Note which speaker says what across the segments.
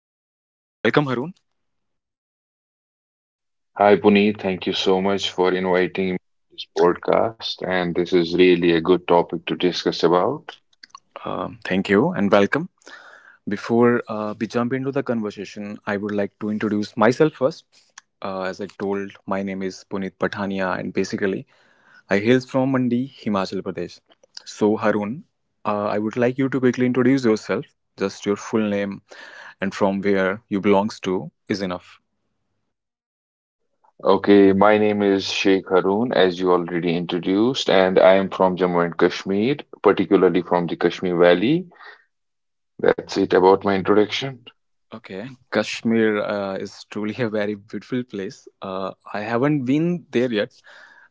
Speaker 1: So, welcome Haroon.
Speaker 2: Hi, Puneet. Thank you so much for inviting me to this podcast, and this is really a good topic to discuss about.
Speaker 1: Thank you and welcome. Before we jump into the conversation, I would like to introduce myself first. As I told, my name is Puneet Patania, and basically, I hail from Mandi, Himachal Pradesh. So, Harun, I would like you to quickly introduce yourself. Just your full name and from where you belongs to is enough.
Speaker 2: Okay, my name is Sheikh Haroon, as you already introduced, and I am from Jammu and Kashmir, particularly from the Kashmir Valley. That's it about my introduction.
Speaker 1: Okay, Kashmir is truly a very beautiful place. I haven't been there yet,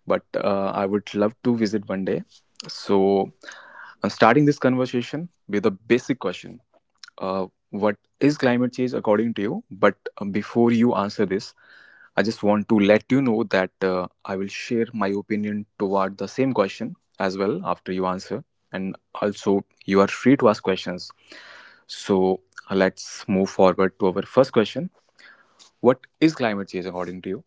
Speaker 1: but I would love to visit one day. So, I'm starting this conversation with a basic question. What is climate change according to you? But before you answer this, I just want to let you know that I will share my opinion toward the same question as well after you answer. And also, you are free to ask questions. So let's move forward to our first question. What is climate change according to you?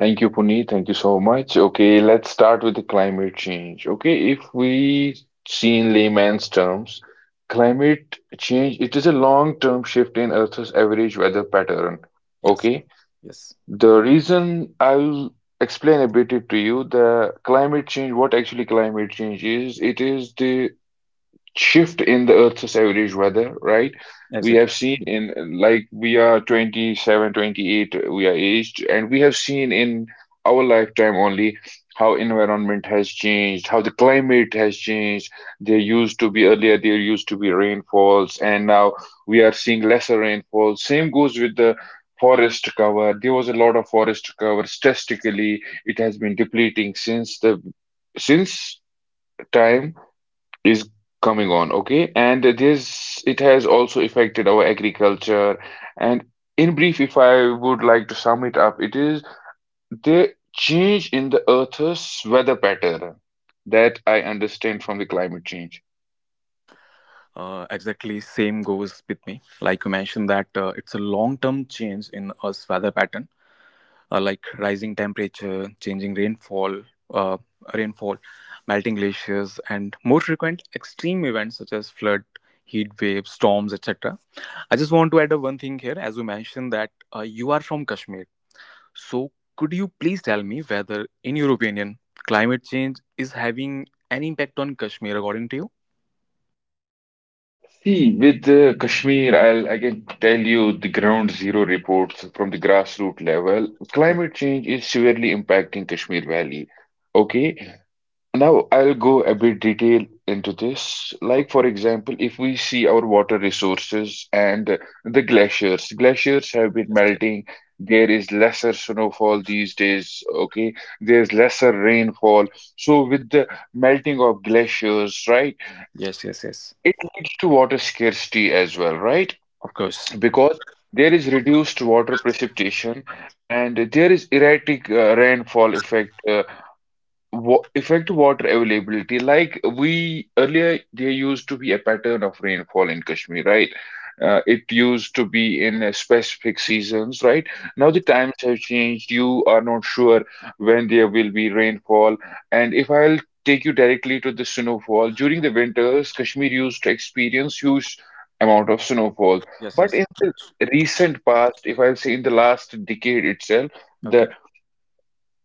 Speaker 2: Thank you, Puneet. Thank you so much. Okay, let's start with the climate change. Okay, if we see in layman's terms, climate change, it is a long-term shift in Earth's average weather pattern.
Speaker 1: Yes,
Speaker 2: Okay.
Speaker 1: yes,
Speaker 2: The reason I'll explain a bit it to you, the climate change, what actually climate change is, It is the shift in the Earth's average weather, right? We
Speaker 1: exactly.
Speaker 2: have seen in like we are 27, 28. We are aged, and we have seen in our lifetime only how environment has changed, how the climate has changed. There used to be rainfalls, and now we are seeing lesser rainfall. Same goes with the forest cover. There was a lot of forest cover. Statistically, it has been depleting since the since time is coming on, okay? And this it has also affected our agriculture. And in brief, if I would like to sum it up, it is the change in the Earth's weather pattern that I understand from the climate change.
Speaker 1: Exactly, same goes with me. Like you mentioned, that it's a long term change in Earth's weather pattern, like rising temperature, changing rainfall, uh, rainfall, melting glaciers, and more frequent extreme events such as flood, heat waves, storms, etc. I just want to add a one thing here, as you mentioned that you are from Kashmir. So could you please tell me whether, in your opinion, climate change is having any impact on Kashmir according to you?
Speaker 2: See, with the Kashmir, I can tell you the ground zero reports from the grassroots level.
Speaker 1: Yes.
Speaker 2: Climate change is severely impacting Kashmir Valley. Okay, now I'll go a bit detail into this. Like
Speaker 1: Okay.
Speaker 2: for example, if we see our water resources and the glaciers, glaciers have been
Speaker 1: Yes. Yes.
Speaker 2: melting. There is lesser snowfall these days, okay? There's lesser rainfall. So with the melting of glaciers, right,
Speaker 1: Yes. Yes. Yes.
Speaker 2: it leads to water scarcity as well, right?
Speaker 1: Of course.
Speaker 2: Because there is reduced water precipitation and there is erratic rainfall effect. Wa effect water availability, like we earlier, there used to be a pattern of rainfall in Kashmir, right? It used to be in specific seasons, right? Now the
Speaker 1: Yes.
Speaker 2: times have changed. You are not sure when there will be rainfall. And if I'll take you directly to the snowfall, during the winters, Kashmir used to experience huge amount of snowfall.
Speaker 1: Yes.
Speaker 2: But
Speaker 1: Yes.
Speaker 2: in the recent past, if I'll say in the last decade itself,
Speaker 1: Okay.
Speaker 2: the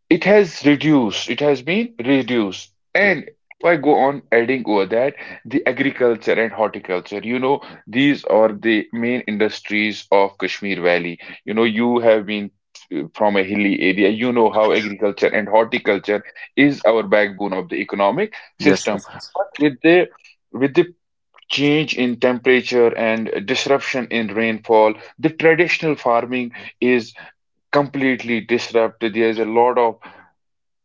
Speaker 2: it has reduced, it has been reduced.
Speaker 1: Yes.
Speaker 2: And if I go on adding over that, the agriculture and horticulture, you know, these are the main industries of Kashmir Valley. You know, you have been from a hilly area, you know how agriculture and horticulture is our backbone of the economic
Speaker 1: Yes.
Speaker 2: system.
Speaker 1: Yes. Yes.
Speaker 2: But with the change in temperature and disruption in rainfall, the traditional farming is completely disrupted. There's a lot of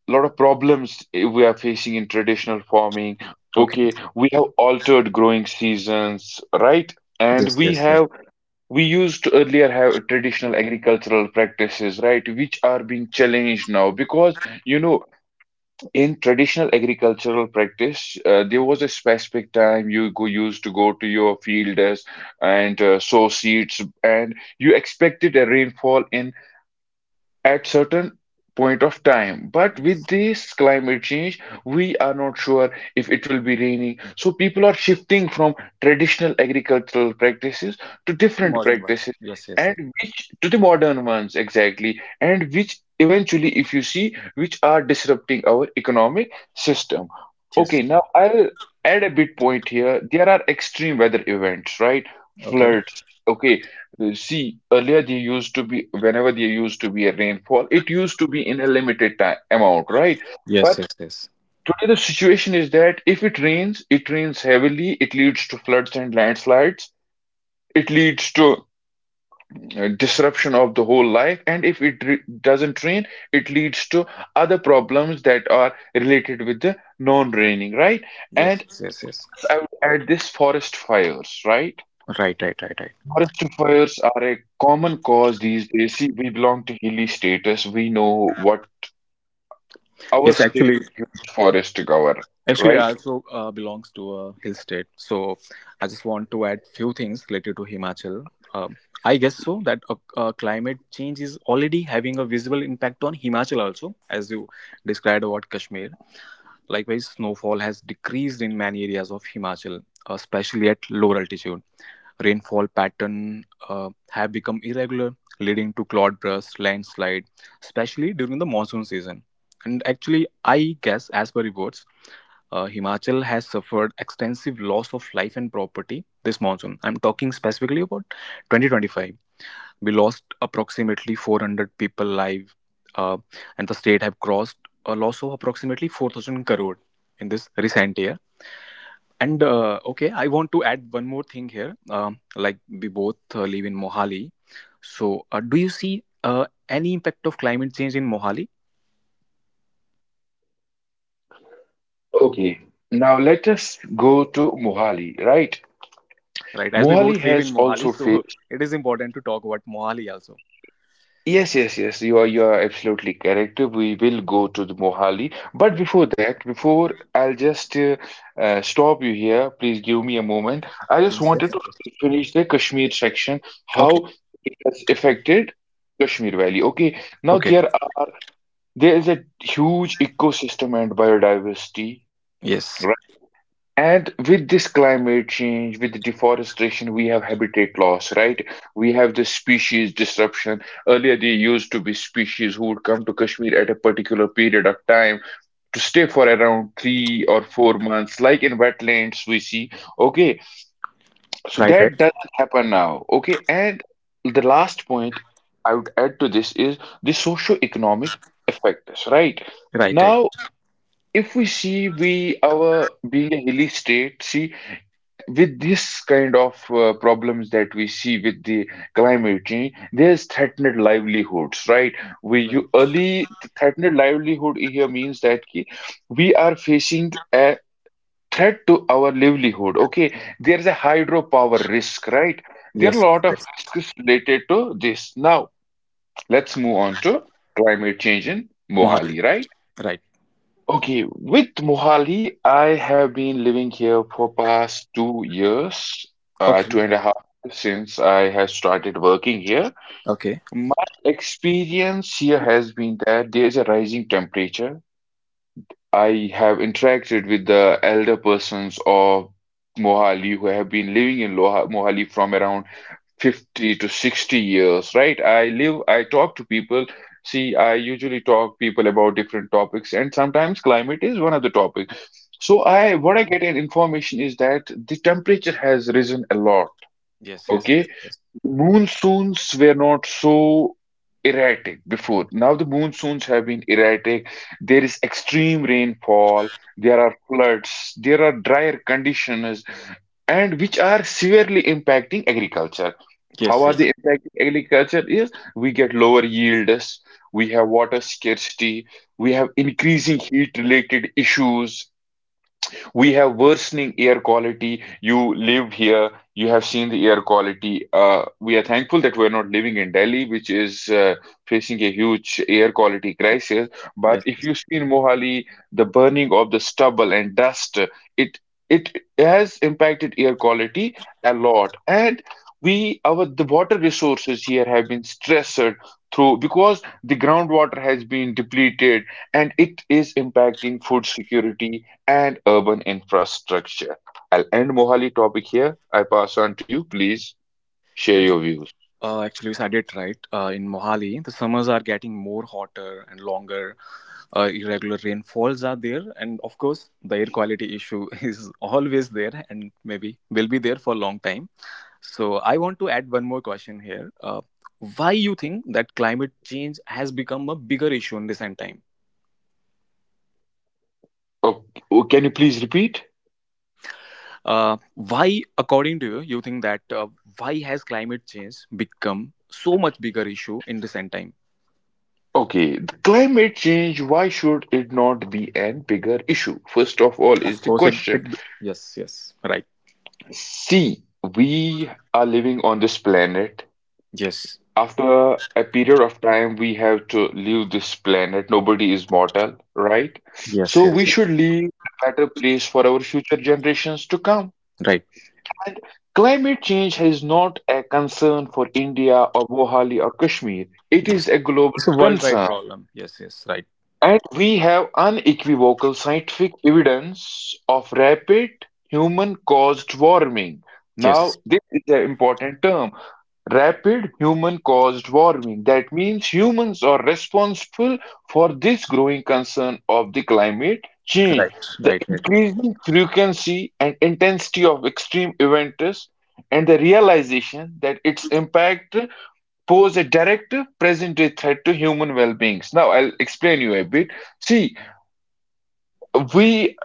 Speaker 2: lot of problems we are facing in traditional farming.
Speaker 1: Okay.
Speaker 2: Okay, we have altered growing seasons, right? And
Speaker 1: Yes.
Speaker 2: we
Speaker 1: Yes. Yes.
Speaker 2: have We used to earlier have traditional agricultural practices, right, which are being challenged now because you know in traditional agricultural practice, there was a specific time used to go to your fields and sow seeds, and you expected a rainfall in at certain point of time. But with
Speaker 1: Yes.
Speaker 2: this climate change we are not sure if it will be raining, so people are shifting from traditional agricultural practices to
Speaker 1: The
Speaker 2: different
Speaker 1: modern one.
Speaker 2: practices,
Speaker 1: Yes, yes, yes.
Speaker 2: and which to the modern ones exactly, and which eventually, if you see, which are disrupting our economic system.
Speaker 1: Yes.
Speaker 2: Okay, now I'll add a bit point here. There are extreme weather events, right?
Speaker 1: Okay.
Speaker 2: Floods, okay. See earlier, there used to be, whenever there used to be a rainfall, it used to be in a limited time amount, right?
Speaker 1: Yes,
Speaker 2: But
Speaker 1: yes, yes.
Speaker 2: today the situation is that if it rains, it rains heavily. It leads to floods and landslides. It leads to disruption of the whole life. And if doesn't rain, it leads to other problems that are related with the non-raining, right?
Speaker 1: Yes,
Speaker 2: And
Speaker 1: yes, yes, yes.
Speaker 2: plus, I would add this forest fires, right?
Speaker 1: Right, right, right, right.
Speaker 2: Forest fires are a common cause these days. See, we belong to hilly status. We know what our
Speaker 1: Yes,
Speaker 2: state
Speaker 1: actually,
Speaker 2: has a huge forest to cover,
Speaker 1: I
Speaker 2: right?
Speaker 1: also belongs to a hill state, so I just want to add few things related to Himachal. I guess so that climate change is already having a visible impact on Himachal also, as you described about Kashmir. Likewise, snowfall has decreased in many areas of Himachal, especially at lower altitude. Rainfall pattern have become irregular, leading to cloud burst, landslide, especially during the monsoon season. And actually, I guess, as per reports, Himachal has suffered extensive loss of life and property this monsoon. I'm talking specifically about 2025. We lost approximately 400 people live, uh, and the state have crossed a loss of approximately 4,000 crore in this recent year, and okay, I want to add one more thing here. Like we both live in Mohali, so do you see any impact of climate change in Mohali?
Speaker 2: Okay, now let us go to Mohali, right?
Speaker 1: Right, as we
Speaker 2: Mohali
Speaker 1: both live in
Speaker 2: has
Speaker 1: Mohali,
Speaker 2: also
Speaker 1: so
Speaker 2: faced
Speaker 1: it is important to talk about Mohali also.
Speaker 2: Ye- Yes, yes, yes. You are absolutely correct. We will go to the Mohali, but
Speaker 1: Yes,
Speaker 2: before that, before I'll just stop you here. Please give me a moment. I just
Speaker 1: yes, yes.
Speaker 2: wanted to
Speaker 1: Yes.
Speaker 2: finish the Kashmir section,
Speaker 1: Okay.
Speaker 2: how it has affected Kashmir Valley. Okay, now
Speaker 1: Okay.
Speaker 2: there is a huge ecosystem and biodiversity,
Speaker 1: Yes.
Speaker 2: right? And with this climate change, with the deforestation, we have habitat loss, right? We have the species disruption. Earlier, there used to be species who would come to Kashmir at a particular period of time to stay for around 3 or 4 months, like in wetlands we see. Okay, so
Speaker 1: Right, right,
Speaker 2: that doesn't happen now. Okay, and the last point I would add to this is the socio-economic effects, right?
Speaker 1: right, right,
Speaker 2: Now, if we see, we our being a hilly state, see with this kind of problems that we see with the climate change, there's threatened livelihoods, right? We
Speaker 1: right.
Speaker 2: you early The threatened livelihood here means that ki, we are facing a threat to our livelihood. Okay, there's a hydropower risk, right? There are
Speaker 1: Yes,
Speaker 2: a lot of
Speaker 1: yes.
Speaker 2: risks related to this. Now, let's move on to climate change in
Speaker 1: Mohali.
Speaker 2: Mohali, right?
Speaker 1: Right.
Speaker 2: Okay, with Mohali, I have been living here for past 2 years,
Speaker 1: Okay.
Speaker 2: two and a half years since I have started working here.
Speaker 1: Okay.
Speaker 2: My experience here has been that there is a rising temperature. I have interacted with the elder persons of Mohali who have been living in Loha Mohali from around 50 to 60 years, right? I talk to people. See, I usually talk people about different topics, and sometimes climate is one of the topics. So
Speaker 1: Yes.
Speaker 2: what I get in information is that the temperature has risen a lot.
Speaker 1: Yes. Yes. Yes.
Speaker 2: Okay,
Speaker 1: Yes.
Speaker 2: the monsoons were not so erratic before. Now the monsoons have been erratic. There is extreme rainfall. There are floods. There are drier conditions, and which are severely impacting agriculture. How
Speaker 1: Yes.
Speaker 2: are
Speaker 1: Yes.
Speaker 2: they impacting agriculture? Is we get lower yields. We have water scarcity. We have increasing heat-related issues. We have worsening air quality. You live here, you have seen the air quality. We are thankful that we're not living in Delhi, which is facing a huge air quality crisis.
Speaker 1: Yes.
Speaker 2: But if
Speaker 1: Yes.
Speaker 2: you see in Mohali, the burning of the stubble and dust, it it has impacted air quality a lot. And we our the water resources here have been stressed through because the groundwater has been depleted and it is impacting food security and urban infrastructure. I'll end Mohali topic here. I pass on to you. Please share
Speaker 1: Yes.
Speaker 2: your views.
Speaker 1: Actually, you said it right. In Mohali, the summers are getting more hotter and longer. Irregular rainfalls are there, and of course, the air quality issue is always there, and maybe will be there for a long time. So, I want to add one more question here. Why you think that climate change has become a bigger issue in recent time?
Speaker 2: Oh, oh, can you please repeat?
Speaker 1: Why, according to you, you think that why has climate change become so much bigger issue in recent time?
Speaker 2: Okay, the climate change, why should it not be an bigger issue? First of all, is
Speaker 1: Of
Speaker 2: the
Speaker 1: course, it. It
Speaker 2: question.
Speaker 1: yes, yes, right.
Speaker 2: See, we are living on this planet.
Speaker 1: Yes,
Speaker 2: After a period of time, we have to leave this planet. Nobody is mortal, right?
Speaker 1: yes,
Speaker 2: So
Speaker 1: yes,
Speaker 2: we
Speaker 1: yes.
Speaker 2: should leave a better place for our future generations to come.
Speaker 1: Right.
Speaker 2: And climate change is not a concern for India or Mohali or Kashmir. It
Speaker 1: Yes,
Speaker 2: is a global
Speaker 1: it's a worldwide
Speaker 2: concern.
Speaker 1: problem. Yes, yes, right.
Speaker 2: And we have unequivocal scientific evidence of rapid human-caused warming.
Speaker 1: Yes,
Speaker 2: Now, this is an important term. Rapid human-caused warming. That means humans are responsible for this growing concern of the climate change.
Speaker 1: right,
Speaker 2: The
Speaker 1: right, right, right.
Speaker 2: increasing frequency and intensity of extreme events and the realization that its impact pose a direct present-day threat to human well-beings. Now, I'll explain you a bit. See, we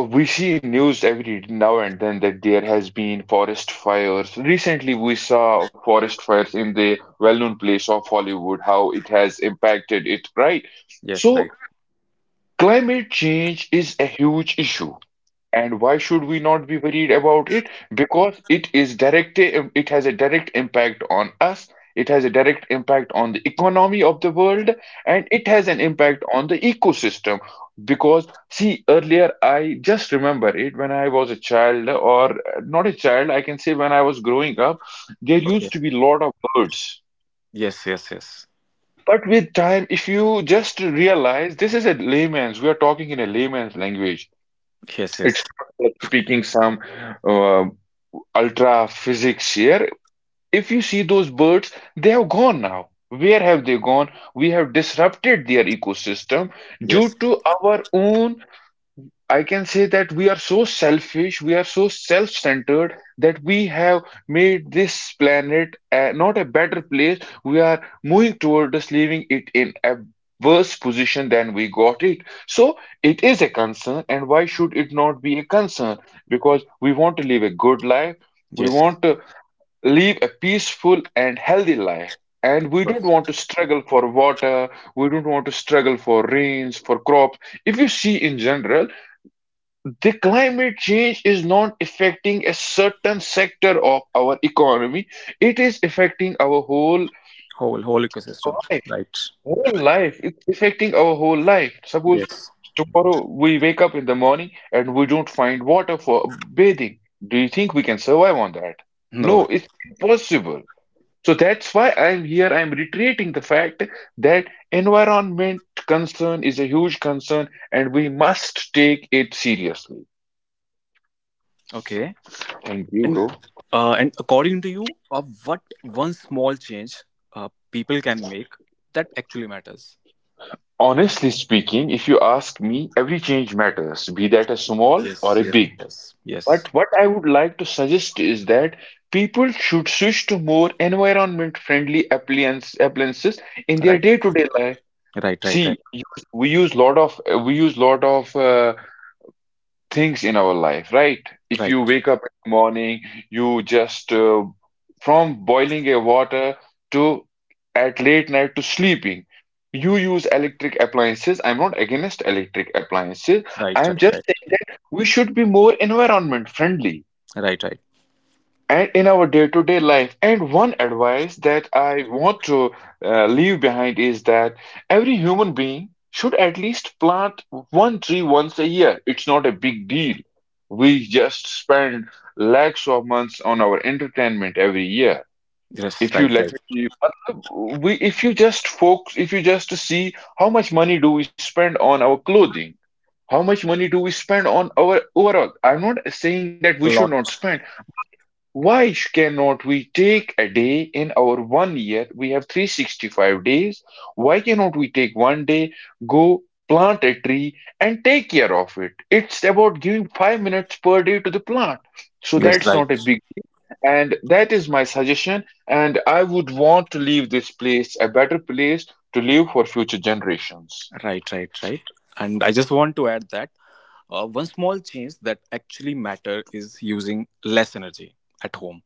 Speaker 2: we see news every now and then that there has been forest fires. Recently, we saw forest fires in the well-known place of Hollywood, how it has impacted it, right?
Speaker 1: Yes, right.
Speaker 2: So, climate change is a huge issue. And why should we not be worried about it? Because it is direct, it has a direct impact on us, it has a direct impact on the economy of the world, and it has an impact on the ecosystem. Because, see, earlier I just remember it when I was a child, or not a child, I can say when I was growing up, there
Speaker 1: Okay.
Speaker 2: used to be a lot of birds.
Speaker 1: Yes, yes, yes,
Speaker 2: But with time, if you just realize this is a layman's, we are talking in a layman's language.
Speaker 1: yes, yes,
Speaker 2: It's not we are speaking some uh, ultra physics here. If you see those birds, they have gone now. Where have they gone? We have disrupted their ecosystem due
Speaker 1: yes,
Speaker 2: to our own. I can say that we are so selfish, we are so self-centered that we have made this planet not a better place. We are moving toward us, leaving it in a worse position than we got it. So it is a concern, and why should it not be a concern? Because we want to live a good life, we
Speaker 1: yes.
Speaker 2: want to live a peaceful and healthy life.
Speaker 1: Of
Speaker 2: And we don't
Speaker 1: course.
Speaker 2: want to struggle for water, we don't want to struggle for rains, for crops. If you see in general, the climate change is not affecting a certain sector of our economy. It is affecting our whole
Speaker 1: Whole ecosystem.
Speaker 2: life.
Speaker 1: Right.
Speaker 2: Whole life. It's affecting our whole life. Suppose
Speaker 1: Yes.
Speaker 2: tomorrow we wake up in the morning and we don't find water for bathing. Do you think we can survive on that? No,
Speaker 1: No.
Speaker 2: it's impossible. So that's why I'm here. I'm reiterating the fact that environment concern is a huge concern and we must take it seriously.
Speaker 1: Okay.
Speaker 2: Thank you,
Speaker 1: And
Speaker 2: bro.
Speaker 1: and according to you, what one small change people can make that actually matters?
Speaker 2: Honestly speaking, if you ask me, every change matters, be that a small
Speaker 1: Yes,
Speaker 2: or a
Speaker 1: yes,
Speaker 2: big.
Speaker 1: yes, yes.
Speaker 2: But what I would like to suggest is that people should switch to more environment-friendly appliances in their
Speaker 1: Right,
Speaker 2: day-to-day life.
Speaker 1: right, right, right,
Speaker 2: See, we use lot of we use lot of uh, things in our life, right? If
Speaker 1: right,
Speaker 2: you wake up in the morning, you just from boiling a water to at late night to sleeping. You use electric appliances. I'm not against electric appliances.
Speaker 1: right,
Speaker 2: I'm just
Speaker 1: right,
Speaker 2: saying that we should be more environment friendly
Speaker 1: right, right, right.
Speaker 2: and in our day-to-day life. And one advice that I want to leave behind is that every human being should at least plant one tree once a year. It's not a big deal. We just spend lakhs of months on our entertainment every year.
Speaker 1: Yes,
Speaker 2: If you
Speaker 1: right,
Speaker 2: let me
Speaker 1: right.
Speaker 2: be, matlab, we if you just focus, if you just see how much money do we spend on our clothing, how much money do we spend on our overall. I'm not saying that we
Speaker 1: A
Speaker 2: should
Speaker 1: lot.
Speaker 2: not spend, but cannot we take a day in our one year? We have 365 days. Why cannot we take one day, go plant a tree and take care of it? It's about giving 5 minutes per day to the plant. So
Speaker 1: Yes,
Speaker 2: that's not a
Speaker 1: right,
Speaker 2: big deal. And that is my suggestion. And I would want to leave this place a better place to live for future generations.
Speaker 1: right, right, right. And I just want to add that one small change that actually matter is using less energy at home.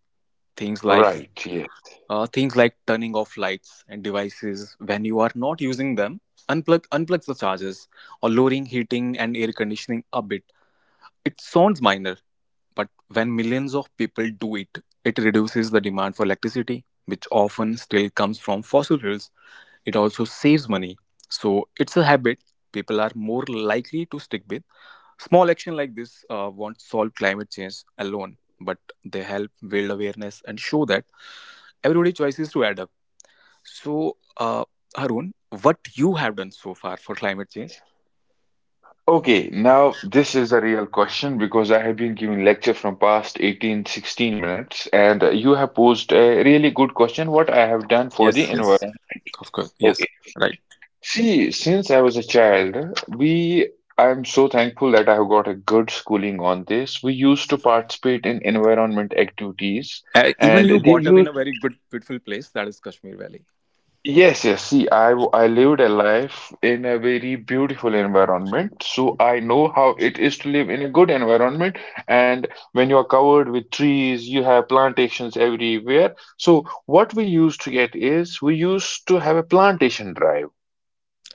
Speaker 1: Things like
Speaker 2: Right, yes.
Speaker 1: turning off lights and devices when you are not using them, unplug the chargers or lowering heating and air conditioning a bit. It sounds minor, but when millions of people do it, it reduces the demand for electricity, which often still comes from fossil fuels. It also saves money, so it's a habit people are more likely to stick with. Small action like this won't solve climate change alone, but they help build awareness and show that everyday choices to add up. So, Harun, what you have done so far for climate change?
Speaker 2: Okay, now this is a real question because I have been giving lecture from past 18, 16 minutes, and you have posed a really good question what I have done for the
Speaker 1: Yes, yes,
Speaker 2: environment.
Speaker 1: of course, yes,
Speaker 2: Okay,
Speaker 1: right.
Speaker 2: see, since I was a child, I'm so thankful that I have got a good schooling on this. We used to participate in environment activities
Speaker 1: Even
Speaker 2: and
Speaker 1: you
Speaker 2: they
Speaker 1: brought up in a
Speaker 2: used,
Speaker 1: very good, beautiful place that is Kashmir Valley,
Speaker 2: yes, yes, see, I lived a life in a very beautiful environment. So I know how it is to live in a good environment. And when you are covered with trees, you have plantations everywhere. So what we used to get is we used to have a plantation drive.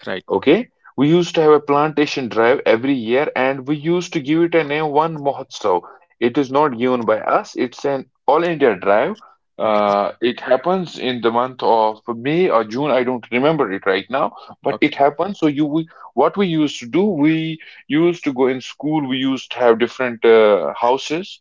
Speaker 1: right?
Speaker 2: Okay, we used to have a plantation drive every year, and we used to give it a name, One Mahotsav. It is not given by us, it's an all India drive.
Speaker 1: Okay,
Speaker 2: It happens in the month of May or June, I don't remember it right now, but
Speaker 1: okay,
Speaker 2: it happens. So, what we used to do, we used to go in school, we used to have different houses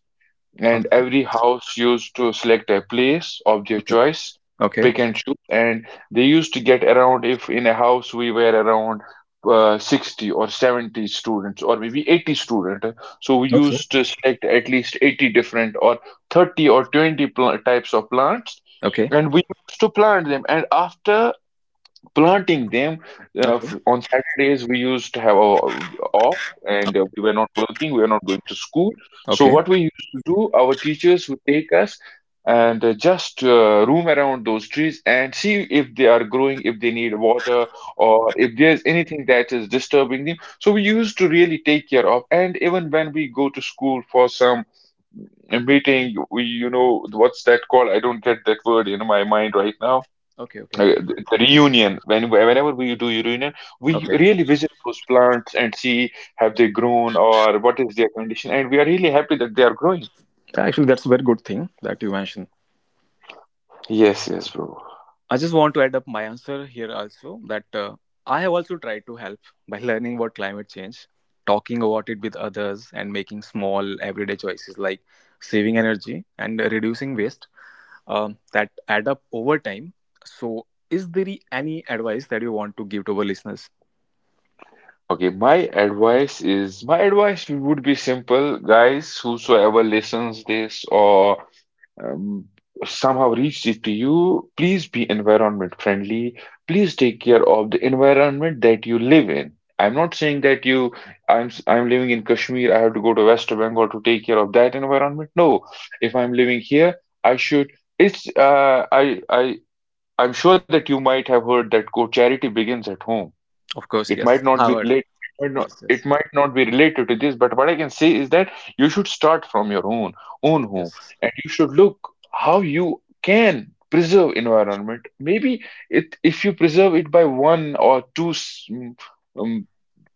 Speaker 2: and
Speaker 1: okay, okay,
Speaker 2: every house used to select a place of their choice,
Speaker 1: okay, okay,
Speaker 2: pick and choose, and they used to get around if in a house we were around 60 or 70 students or maybe 80 students. So we
Speaker 1: okay,
Speaker 2: used to select at least 80 different or 30 or 20 pl types of plants
Speaker 1: okay,
Speaker 2: and we used to plant them and after planting them on Saturdays we used to have off and we were not working we were not going to school, so
Speaker 1: okay,
Speaker 2: what
Speaker 1: okay,
Speaker 2: we used to do, our teachers would take us and just roam around those trees and see if they are growing, if they need water, or if there's anything that is disturbing them. So we used to really take care of, and even when we go to school for some meeting, we, you know what's that called, I don't get that word in my mind right now.
Speaker 1: okay,
Speaker 2: The reunion, when whenever we do reunion, we
Speaker 1: okay.
Speaker 2: really visit those plants and see have they grown or what is their condition, and we are really happy that they are growing.
Speaker 1: Actually, that's a very good thing that you mentioned.
Speaker 2: Yes, yes, bro.
Speaker 1: I just want to add up my answer here also that I have also tried to help by learning about climate change, talking about it with others, and making small everyday choices like saving energy and reducing waste, that add up over time. So, is there any advice that you want to give to our listeners?
Speaker 2: Okay, my advice would be simple. Guys, whosoever listens this or um, somehow reached it to you, please be environment friendly. Please take care of the environment that you live in. I'm not saying that you, I'm living in Kashmir, I have to go to West Bengal to take care of that environment. No, if I'm living here, I should. It's, uh, I, I, I'm sure that you might have heard that quote, charity begins at home.
Speaker 1: Of course, yes. Howard.
Speaker 2: It might not
Speaker 1: Yes,
Speaker 2: it
Speaker 1: yes,
Speaker 2: might not be related to this, but what I can say is that you should start from your own home,
Speaker 1: yes,
Speaker 2: and you should look how you can preserve environment. Maybe it if you preserve it by one or two um,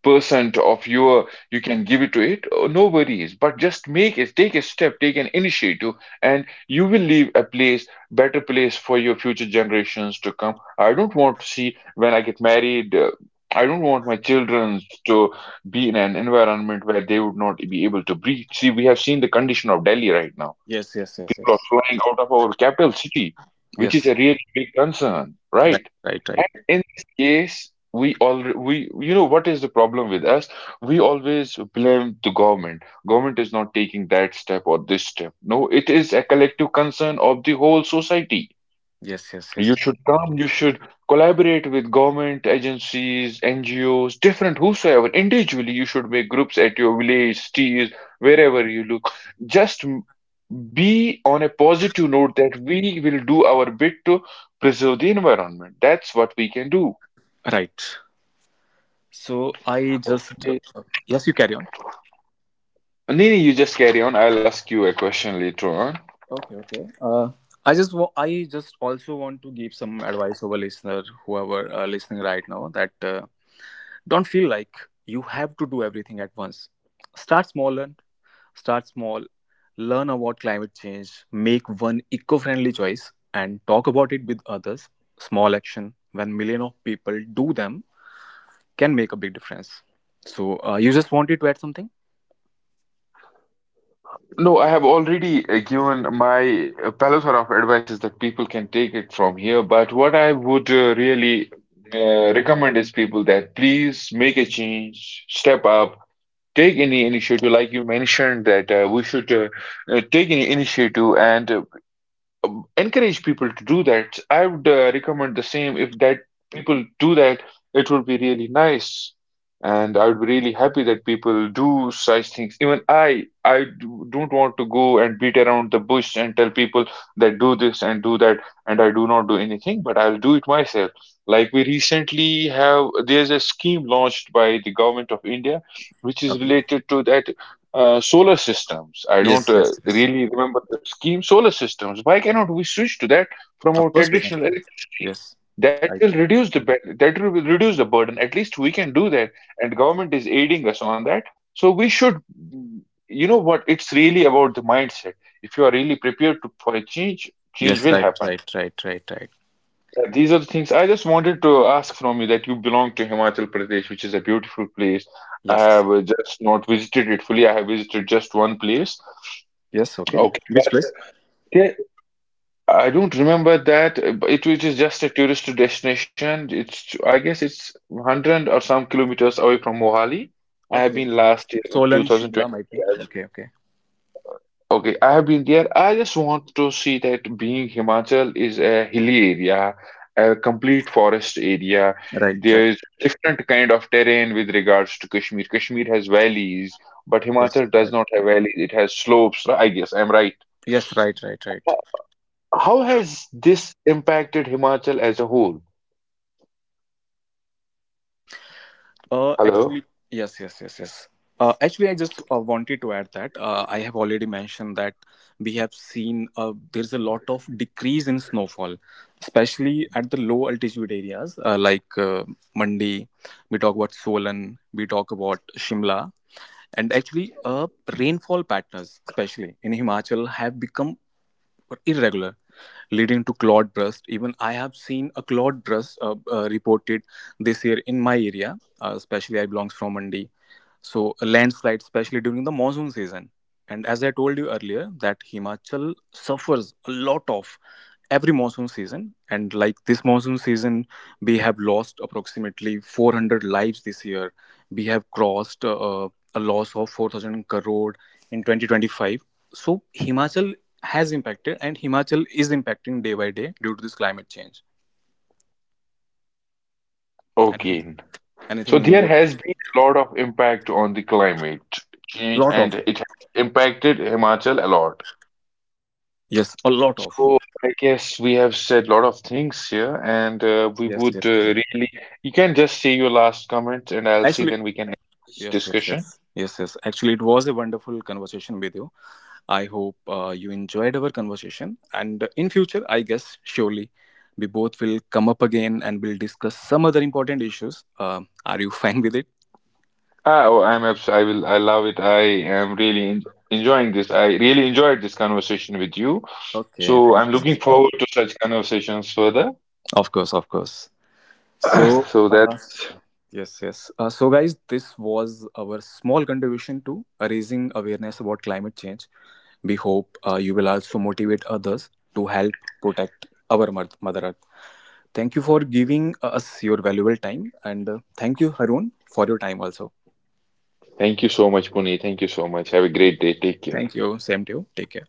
Speaker 2: percent of your you can give it to it, no worries. But just make it take a step, take an initiative, and you will leave a place better place for your future generations to come. I don't want to see when I get married. I don't want my children to be in an environment where they would not be able to breathe. See, we have seen the condition of Delhi right now.
Speaker 1: yes, yes, yes,
Speaker 2: People are
Speaker 1: yes.
Speaker 2: flying out of our capital city, which is
Speaker 1: Yes,
Speaker 2: a really big concern,
Speaker 1: right,
Speaker 2: right?
Speaker 1: right, right.
Speaker 2: And in this case, we all we you know what is the problem with us? We always blame the government. Government is not taking that step or this step. No, it is a collective concern of the whole society.
Speaker 1: Yes, yes, yes.
Speaker 2: You should collaborate with government agencies, NGOs, different whosoever. Individually, you should make groups at your village, cities, wherever you look. Just m- be on a positive note that we will do our bit to preserve the environment. That's what we can do.
Speaker 1: Right. So, I just.
Speaker 2: Okay.
Speaker 1: Yes, you carry on.
Speaker 2: Nini, you just carry on. I'll ask you a question later on.
Speaker 1: Okay, okay. I just also want to give some advice over listener whoever listening right now that don't feel like you have to do everything at once. Start smaller, Start small, learn about climate change, make one eco-friendly choice and talk about it with others. Small action when million of people do them can make a big difference. So you just wanted to add something?
Speaker 2: No, I have already given my plethora of advices that people can take it from here. But what I would really recommend is people that please make a change, step up, take any initiative. Like you mentioned that we should take any initiative and encourage people to do that. I would recommend the same. If that people do that, it would be really nice, and I would be really happy that people do such things. Even I don't want to go and beat around the bush and tell people that do this and do that, and I do not do anything, but I'll do it myself. Like we recently have, there's a scheme launched by the government of India, which is
Speaker 1: Okay.
Speaker 2: related to that solar systems. I don't
Speaker 1: Yes, yes, yes.
Speaker 2: really remember the scheme. Solar systems. Why cannot we switch to that from
Speaker 1: Of
Speaker 2: our
Speaker 1: course we can.
Speaker 2: traditional electricity?
Speaker 1: Yes. Right.
Speaker 2: That will reduce the burden. At least we can do that, and government is aiding us on that. So we should, you know what? It's really about the mindset. If you are really prepared to, for a change, change
Speaker 1: Yes,
Speaker 2: will
Speaker 1: right,
Speaker 2: happen.
Speaker 1: right, right, right, right.
Speaker 2: These are the things I just wanted to ask from you, that you belong to Himachal Pradesh, which is a beautiful place. I
Speaker 1: Yes.
Speaker 2: have just not visited it fully. I have visited just one place.
Speaker 1: Yes. Okay.
Speaker 2: Okay,
Speaker 1: Which
Speaker 2: but
Speaker 1: place?
Speaker 2: there, I don't remember that but it, which is just a tourist destination. It's, I guess it's 100 or some kilometers away from Mohali. I have
Speaker 1: Okay.
Speaker 2: been last year in
Speaker 1: Solan, Shimla might
Speaker 2: 2023.
Speaker 1: be.
Speaker 2: I went.
Speaker 1: Okay. Okay.
Speaker 2: Okay, I have been there. I just want to see that, being Himachal is a hilly area, a complete forest area.
Speaker 1: Right.
Speaker 2: There
Speaker 1: Right.
Speaker 2: is a different kind of terrain with regards to Kashmir. Kashmir has valleys, but
Speaker 1: Yes.
Speaker 2: Himachal does
Speaker 1: Right.
Speaker 2: not have valleys. It has slopes, right? I guess I'm right.
Speaker 1: Yes. Right. Right. Right.
Speaker 2: How has this impacted Himachal as a whole? Hello?
Speaker 1: Actually, yes. Yes. Yes. Yes. Actually, I just wanted to add that I have already mentioned that we have seen there's a lot of decrease in snowfall, especially at the low altitude areas like Mandi. We talk about Solan. We talk about Shimla, and actually, rainfall patterns, especially in Himachal, have become or irregular, leading to clogged breast. Even I have seen a clogged breast reported this year in my area, especially I belongs from Mandi. So a landslide, especially during the monsoon season. And as I told you earlier, that Himachal suffers a lot of every monsoon season, and like this monsoon season we have lost approximately 400 lives this year. We have crossed a loss of 4,000 crore in 2025. So Himachal has impacted, and Himachal is impacting day by day due to this climate change. anything
Speaker 2: Okay. So
Speaker 1: anything
Speaker 2: there
Speaker 1: more?
Speaker 2: has been a lot of impact on the climate change
Speaker 1: Lot of.
Speaker 2: and it has impacted Himachal a lot.
Speaker 1: Yes, a lot of.
Speaker 2: So I guess we have said a lot of things here and we
Speaker 1: Yes, yes,
Speaker 2: would
Speaker 1: yes.
Speaker 2: really, you can just say your last comment and I'll see,
Speaker 1: Actually,
Speaker 2: then we can end this
Speaker 1: yes, yes, yes,
Speaker 2: discussion.
Speaker 1: yes, yes, actually it was a wonderful conversation with you. I hope you enjoyed our conversation. And in future, I guess surely we both will come up again and we'll discuss some other important issues. Are you fine with it?
Speaker 2: I love it. I am really en enjoying this. I really enjoyed this conversation with you.
Speaker 1: Okay.
Speaker 2: So I'm looking forward to such conversations further.
Speaker 1: Of course, of course. So,
Speaker 2: So that's
Speaker 1: yes, yes. So, guys, this was our small contribution to raising awareness about climate change. We hope you will also motivate others to help protect our Mother Earth. Thank you for giving us your valuable time, and thank you, Harun, for your time also.
Speaker 2: Thank you so much, Puni. Thank you so much. Have a great day. Take care.
Speaker 1: Thank you. Same to you. Take care.